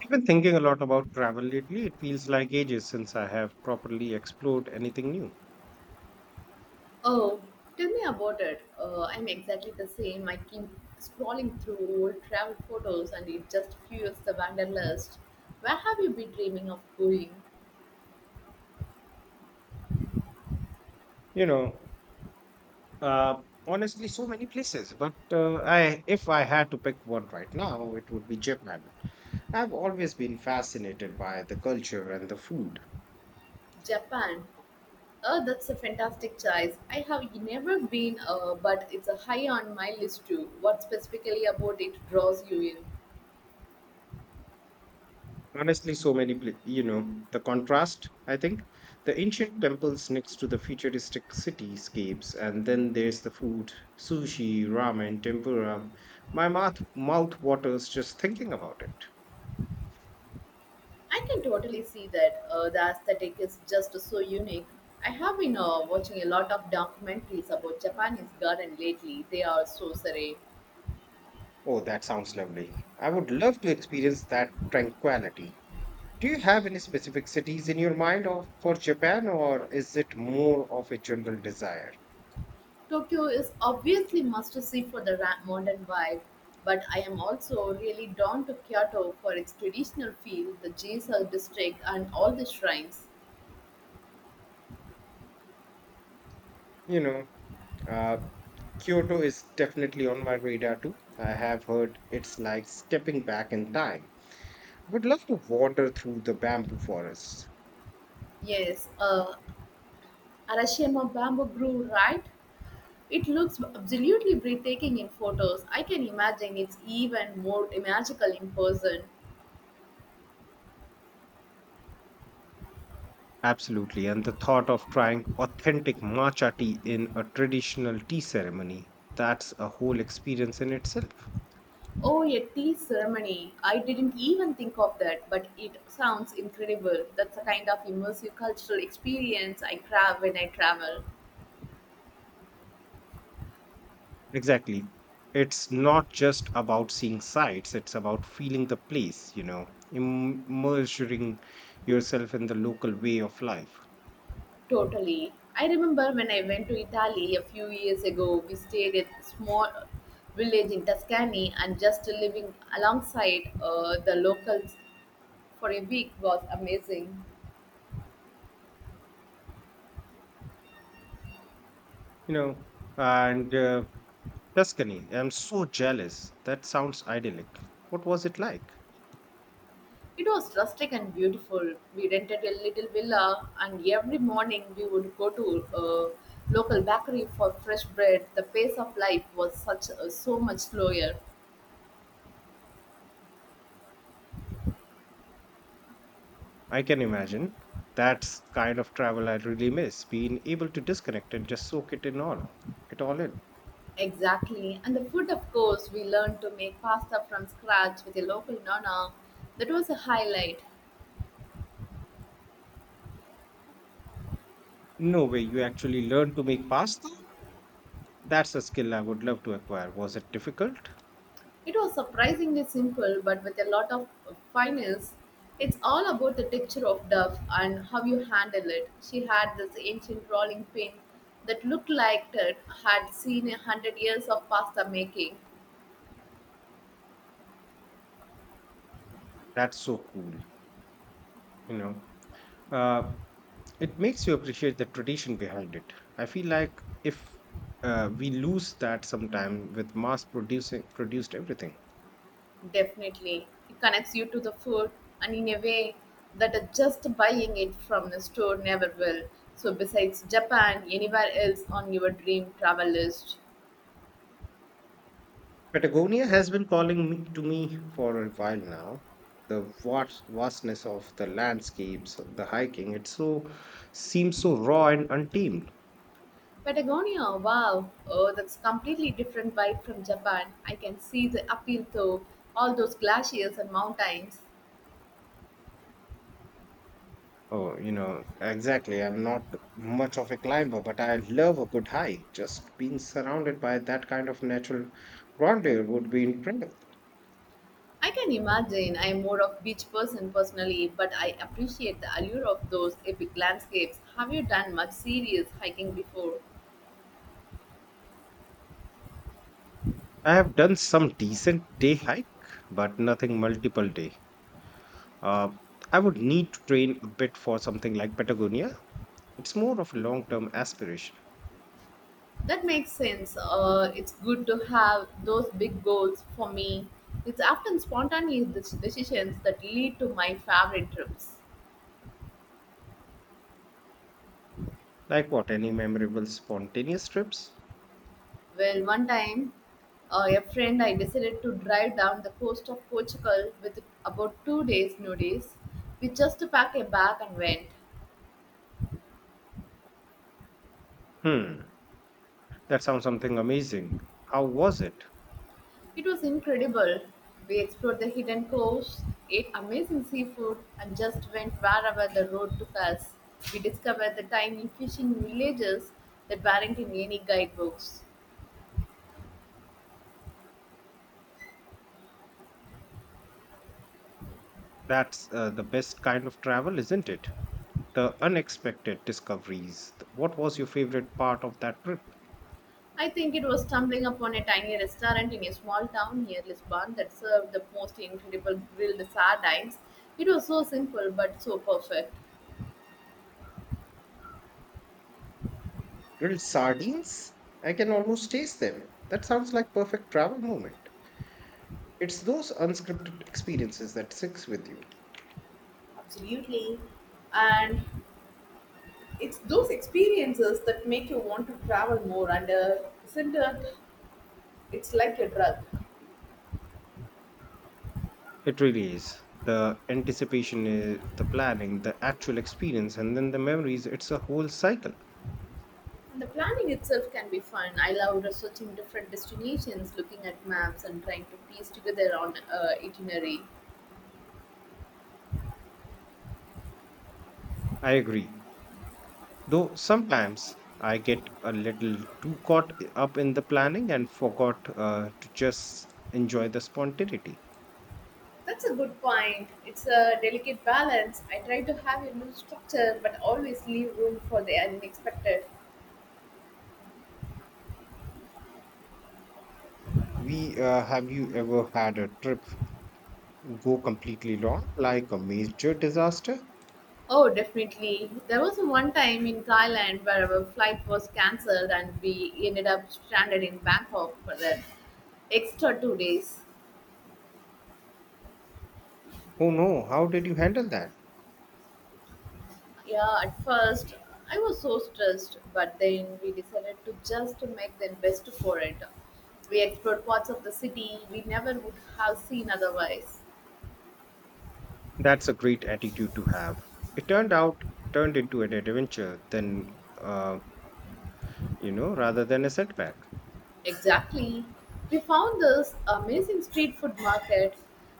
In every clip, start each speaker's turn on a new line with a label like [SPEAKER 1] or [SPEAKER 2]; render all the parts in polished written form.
[SPEAKER 1] I've been thinking a lot about travel lately. It feels like ages since I have properly explored anything new.
[SPEAKER 2] Oh, tell me about it. I'm exactly the same. I keep scrolling through old travel photos, and it just fuels the wanderlust. Where have you been dreaming of going?
[SPEAKER 1] You know, Honestly, so many places, but I if I had to pick one right now, it would be Japan. I've always been fascinated by the culture and the food.
[SPEAKER 2] Japan. Oh, that's a fantastic choice. I have never been, but it's a high on my list too. What specifically about it draws you in?
[SPEAKER 1] Honestly, so many, the contrast, I think. The ancient temples next to the futuristic cityscapes, and then there's the food sushi, ramen, tempura. My mouth waters just thinking about it.
[SPEAKER 2] I can totally see that. The aesthetic is just so unique. I have been watching a lot of documentaries about Japanese garden lately. They are so serene.
[SPEAKER 1] Oh, that sounds lovely. I would love to experience that tranquility. Do you have any specific cities in your mind of, for Japan, or is it more of a general desire?
[SPEAKER 2] Tokyo is obviously must see for the modern vibe, but I am also really drawn to Kyoto for its traditional feel, the Giselle district, and all the shrines.
[SPEAKER 1] You know, Uh, Kyoto is definitely on my radar too. I have heard it's like stepping back in time. Would love to wander through the bamboo forests.
[SPEAKER 2] Yes, Arashiyama bamboo grew right. It looks absolutely breathtaking in photos. I can imagine it's even more magical in person.
[SPEAKER 1] Absolutely. And the thought of trying authentic matcha tea in a traditional tea ceremony, that's a whole experience in itself.
[SPEAKER 2] Oh, a tea ceremony. I didn't even think of that, but it sounds incredible. That's the kind of immersive cultural experience I crave when I travel.
[SPEAKER 1] Exactly. It's not just about seeing sights, it's about feeling the place, you know, immersing yourself in the local way of life,
[SPEAKER 2] Totally. I remember when I went to Italy a few years ago, we stayed at a small village in Tuscany, and just living alongside the locals for a week was amazing.
[SPEAKER 1] you know, and Tuscany, I'm so jealous. That sounds idyllic. What was it like?
[SPEAKER 2] It was rustic and beautiful. We rented a little villa, and every morning we would go to a local bakery for fresh bread. The pace of life was such so much slower.
[SPEAKER 1] I can imagine. That's kind of travel I really miss, being able to disconnect and just soak it in all, it all in.
[SPEAKER 2] Exactly. And the food, of course, we learned to make pasta from scratch with a local nonna. That was a highlight.
[SPEAKER 1] No way, you actually learned to make pasta? That's a skill I would love to acquire. Was it difficult?
[SPEAKER 2] It was surprisingly simple, but with a lot of finesse. It's all about the texture of dough and how you handle it. She had this ancient rolling pin that looked like it had seen 100 years of pasta making.
[SPEAKER 1] That's so cool, you know. Uh, it makes you appreciate the tradition behind it. I feel like if we lose that sometime with mass producing produced everything.
[SPEAKER 2] Definitely. It connects you to the food, and in a way that just buying it from the store never will. So, besides Japan, anywhere else on your dream travel list?
[SPEAKER 1] Patagonia has been calling to me for a while now. The vastness of the landscapes, the hiking, it so seems so raw and untamed.
[SPEAKER 2] Patagonia, wow. Oh, that's completely different vibe from Japan. I can see the appeal though, all those glaciers and mountains.
[SPEAKER 1] Exactly. I'm not much of a climber, but I love a good hike. Just being surrounded by that kind of natural grandeur would be incredible.
[SPEAKER 2] I can imagine I am more of beach person personally, but I appreciate the allure of those epic landscapes. Have you done much serious hiking before?
[SPEAKER 1] I have done some decent day hike, but nothing multiple day. Uh, I would need to train a bit for something like Patagonia. It's more of a long-term aspiration.
[SPEAKER 2] That makes sense. It's good to have those big goals for me. It's often spontaneous decisions that lead to my favorite trips.
[SPEAKER 1] Like what? Any memorable spontaneous trips?
[SPEAKER 2] Well, one time, a friend I decided to drive down the coast of Portugal with about 2 days' notice. We just packed a bag and went.
[SPEAKER 1] Hmm, that sounds something amazing. How was it?
[SPEAKER 2] It was incredible. We explored the hidden coast, ate amazing seafood, and just went wherever the road took us. We discovered the tiny fishing villages that weren't in any guidebooks.
[SPEAKER 1] That's the best kind of travel, isn't it? The unexpected discoveries. What was your favorite part of that trip?
[SPEAKER 2] I think it was stumbling upon a tiny restaurant in a small town near Lisbon that served the most incredible grilled sardines. It was so simple but so perfect.
[SPEAKER 1] Grilled sardines? I can almost taste them. That sounds like perfect travel moment. It's those unscripted experiences that sticks with you.
[SPEAKER 2] Absolutely. And it's those experiences that make you want to travel more, and isn't it? It's like a drug.
[SPEAKER 1] It really is. The anticipation, the planning, the actual experience, and then the memories. It's a whole cycle.
[SPEAKER 2] The planning itself can be fun. I love researching different destinations, looking at maps, and trying to piece together on itinerary.
[SPEAKER 1] I agree. Though sometimes I get a little too caught up in the planning and forgot to just enjoy the spontaneity.
[SPEAKER 2] That's a good point. It's a delicate balance. I try to have a loose structure but always leave room for the unexpected.
[SPEAKER 1] We Have you ever had a trip go completely wrong, like a major disaster?
[SPEAKER 2] Oh, definitely. There was one time in Thailand where our flight was cancelled and we ended up stranded in Bangkok for the extra 2 days.
[SPEAKER 1] Oh no, how did you handle that?
[SPEAKER 2] Yeah, at first I was so stressed, but then we decided to just make the best for it. We explored parts of the city we never would have seen otherwise.
[SPEAKER 1] That's a great attitude to have. It turned into an adventure, rather than a setback.
[SPEAKER 2] Exactly. We found this amazing street food market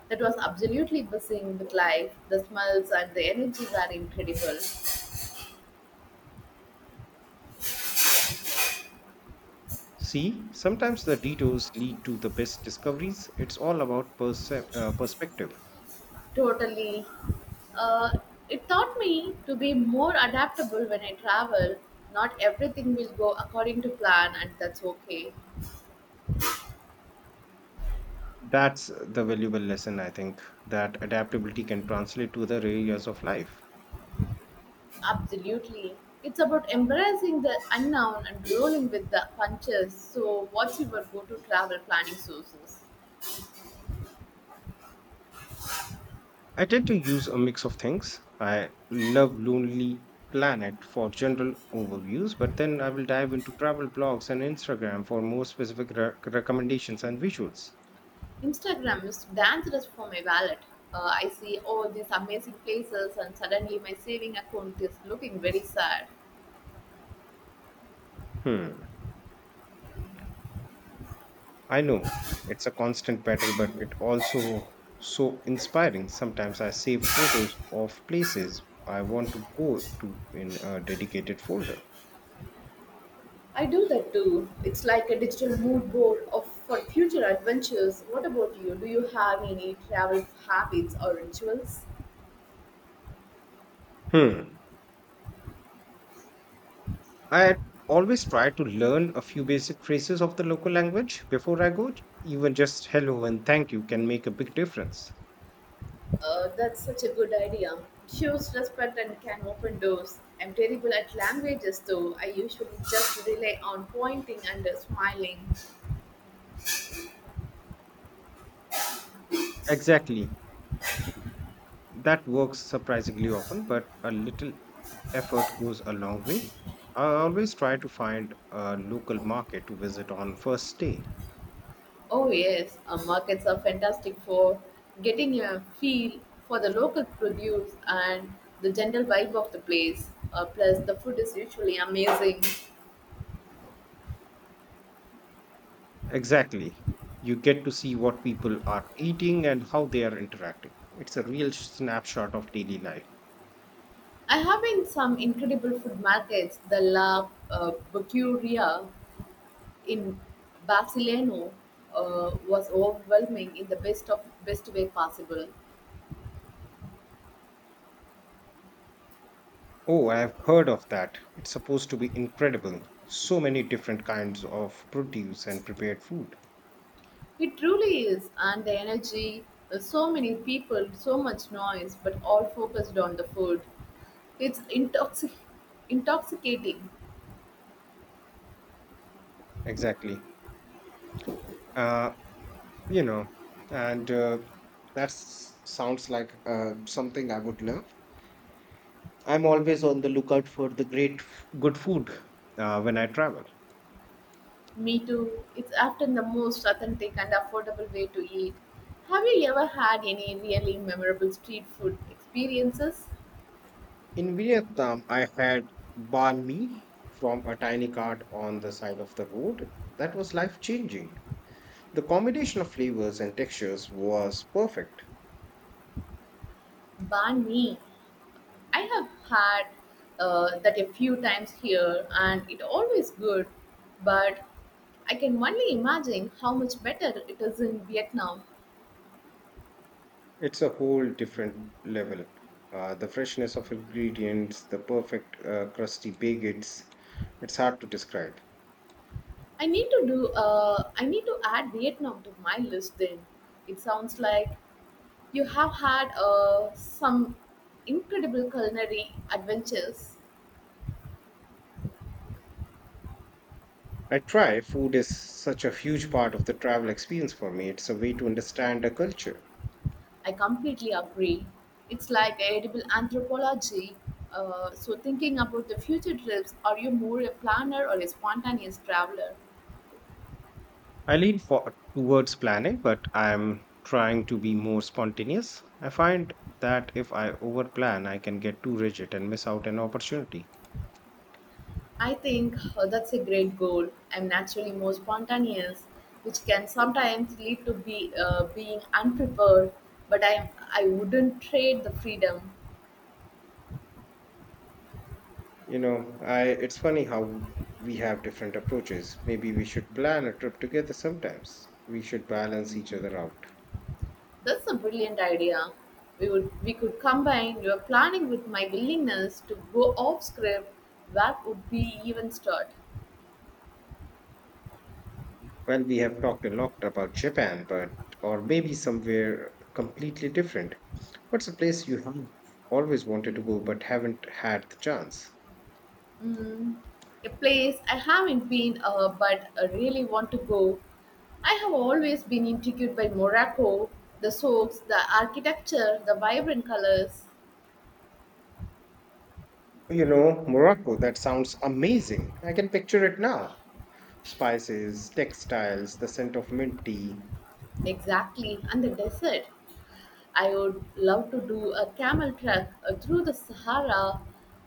[SPEAKER 2] that was absolutely buzzing with life. The smells and the energy were incredible.
[SPEAKER 1] See, sometimes the detours lead to the best discoveries. It's all about perspective.
[SPEAKER 2] Totally. Uh, it taught me to be more adaptable when I travel. Not everything will go according to plan, and that's okay.
[SPEAKER 1] That's the valuable lesson, I think, that adaptability can translate to other areas of life.
[SPEAKER 2] Absolutely. It's about embracing the unknown and rolling with the punches. So, what's your go to travel planning sources?
[SPEAKER 1] I tend to use a mix of things. I love Lonely Planet for general overviews, but then I will dive into travel blogs and Instagram for more specific recommendations and visuals.
[SPEAKER 2] Instagram is dangerous for my wallet. I see all these amazing places, and suddenly my saving account is looking very sad.
[SPEAKER 1] Hmm, I know it's a constant battle, but it also so inspiring. Sometimes I save photos of places I want to go to in a dedicated folder.
[SPEAKER 2] I do that too. It's like a digital mood board of for future adventures. What about you? Do you have any travel habits or rituals?
[SPEAKER 1] Hmm. I always try to learn a few basic phrases of the local language before I go. Even just hello and thank you can make a big difference.
[SPEAKER 2] That's such a good idea. Shows respect and can open doors. I'm terrible at languages though. I usually just rely on pointing and smiling.
[SPEAKER 1] Exactly. That works surprisingly often, but a little effort goes a long way. I always try to find a local market to visit on first day.
[SPEAKER 2] Oh yes, markets are fantastic for getting a feel for the local produce and the general vibe of the place. Plus, the food is usually amazing.
[SPEAKER 1] Exactly. You get to see what people are eating and how they are interacting. It's a real snapshot of daily life.
[SPEAKER 2] I have been some incredible food markets, the La Bucuria in Barcelona was overwhelming in the best of best way possible.
[SPEAKER 1] Oh, I've heard of that. It's supposed to be incredible. So many different kinds of produce and prepared food.
[SPEAKER 2] It truly is, and the energy, so many people, so much noise, but all focused on the food. It's intoxicating.
[SPEAKER 1] Exactly. Uh, you know, and that sounds like something I would love. I'm always on the lookout for the great good food when I travel.
[SPEAKER 2] Me too. It's often the most authentic and affordable way to eat. Have you ever had any really memorable street food experiences?
[SPEAKER 1] In Vietnam, I had banh mi from a tiny cart on the side of the road. That was life changing. The combination of flavors and textures was perfect.
[SPEAKER 2] Banh mi. I have had that a few times here, and it always good. But I can only imagine how much better it is in Vietnam.
[SPEAKER 1] It's a whole different level. The freshness of ingredients, the perfect crusty baguettes, it's hard to describe.
[SPEAKER 2] I need to do. I need to add Vietnam to my list. Then it sounds like you have had some incredible culinary adventures.
[SPEAKER 1] I try, food is such a huge part of the travel experience for me. It's a way to understand a culture.
[SPEAKER 2] I completely agree. It's like edible anthropology. So thinking about the future trips, are you more a planner or a spontaneous traveler?
[SPEAKER 1] I lean towards planning, but I'm trying to be more spontaneous. I find that if I overplan, I can get too rigid and miss out an opportunity.
[SPEAKER 2] I think that's a great goal. I'm naturally more spontaneous, which can sometimes lead to be being unprepared. But I wouldn't trade the freedom.
[SPEAKER 1] You know, I it's funny how we have different approaches. Maybe we should plan a trip together sometimes. We should balance each other out.
[SPEAKER 2] That's a brilliant idea. We could combine your planning with my willingness to go off script. That would be even start.
[SPEAKER 1] Well, we have talked a lot about Japan, but or maybe somewhere completely different. What's a place you have always wanted to go but haven't had the chance?
[SPEAKER 2] Mm, a place I haven't been, but I really want to go. I have always been intrigued by Morocco, the soaks, the architecture, the vibrant colors.
[SPEAKER 1] You know, Morocco, that sounds amazing. I can picture it now. Spices, textiles, the scent of mint tea.
[SPEAKER 2] Exactly, and the desert. I would love to do a camel trek through the Sahara.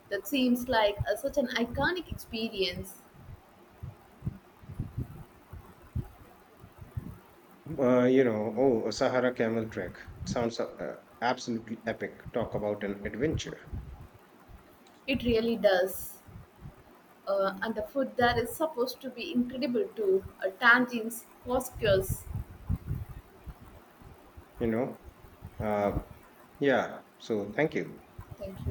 [SPEAKER 2] That seems like such an iconic experience.
[SPEAKER 1] Oh, a Sahara camel trek. Sounds absolutely epic. Talk about an adventure,
[SPEAKER 2] It really does. And the food there is supposed to be incredible too. Tangines, couscous.
[SPEAKER 1] you know? Uh, yeah, so thank you.
[SPEAKER 2] Thank you.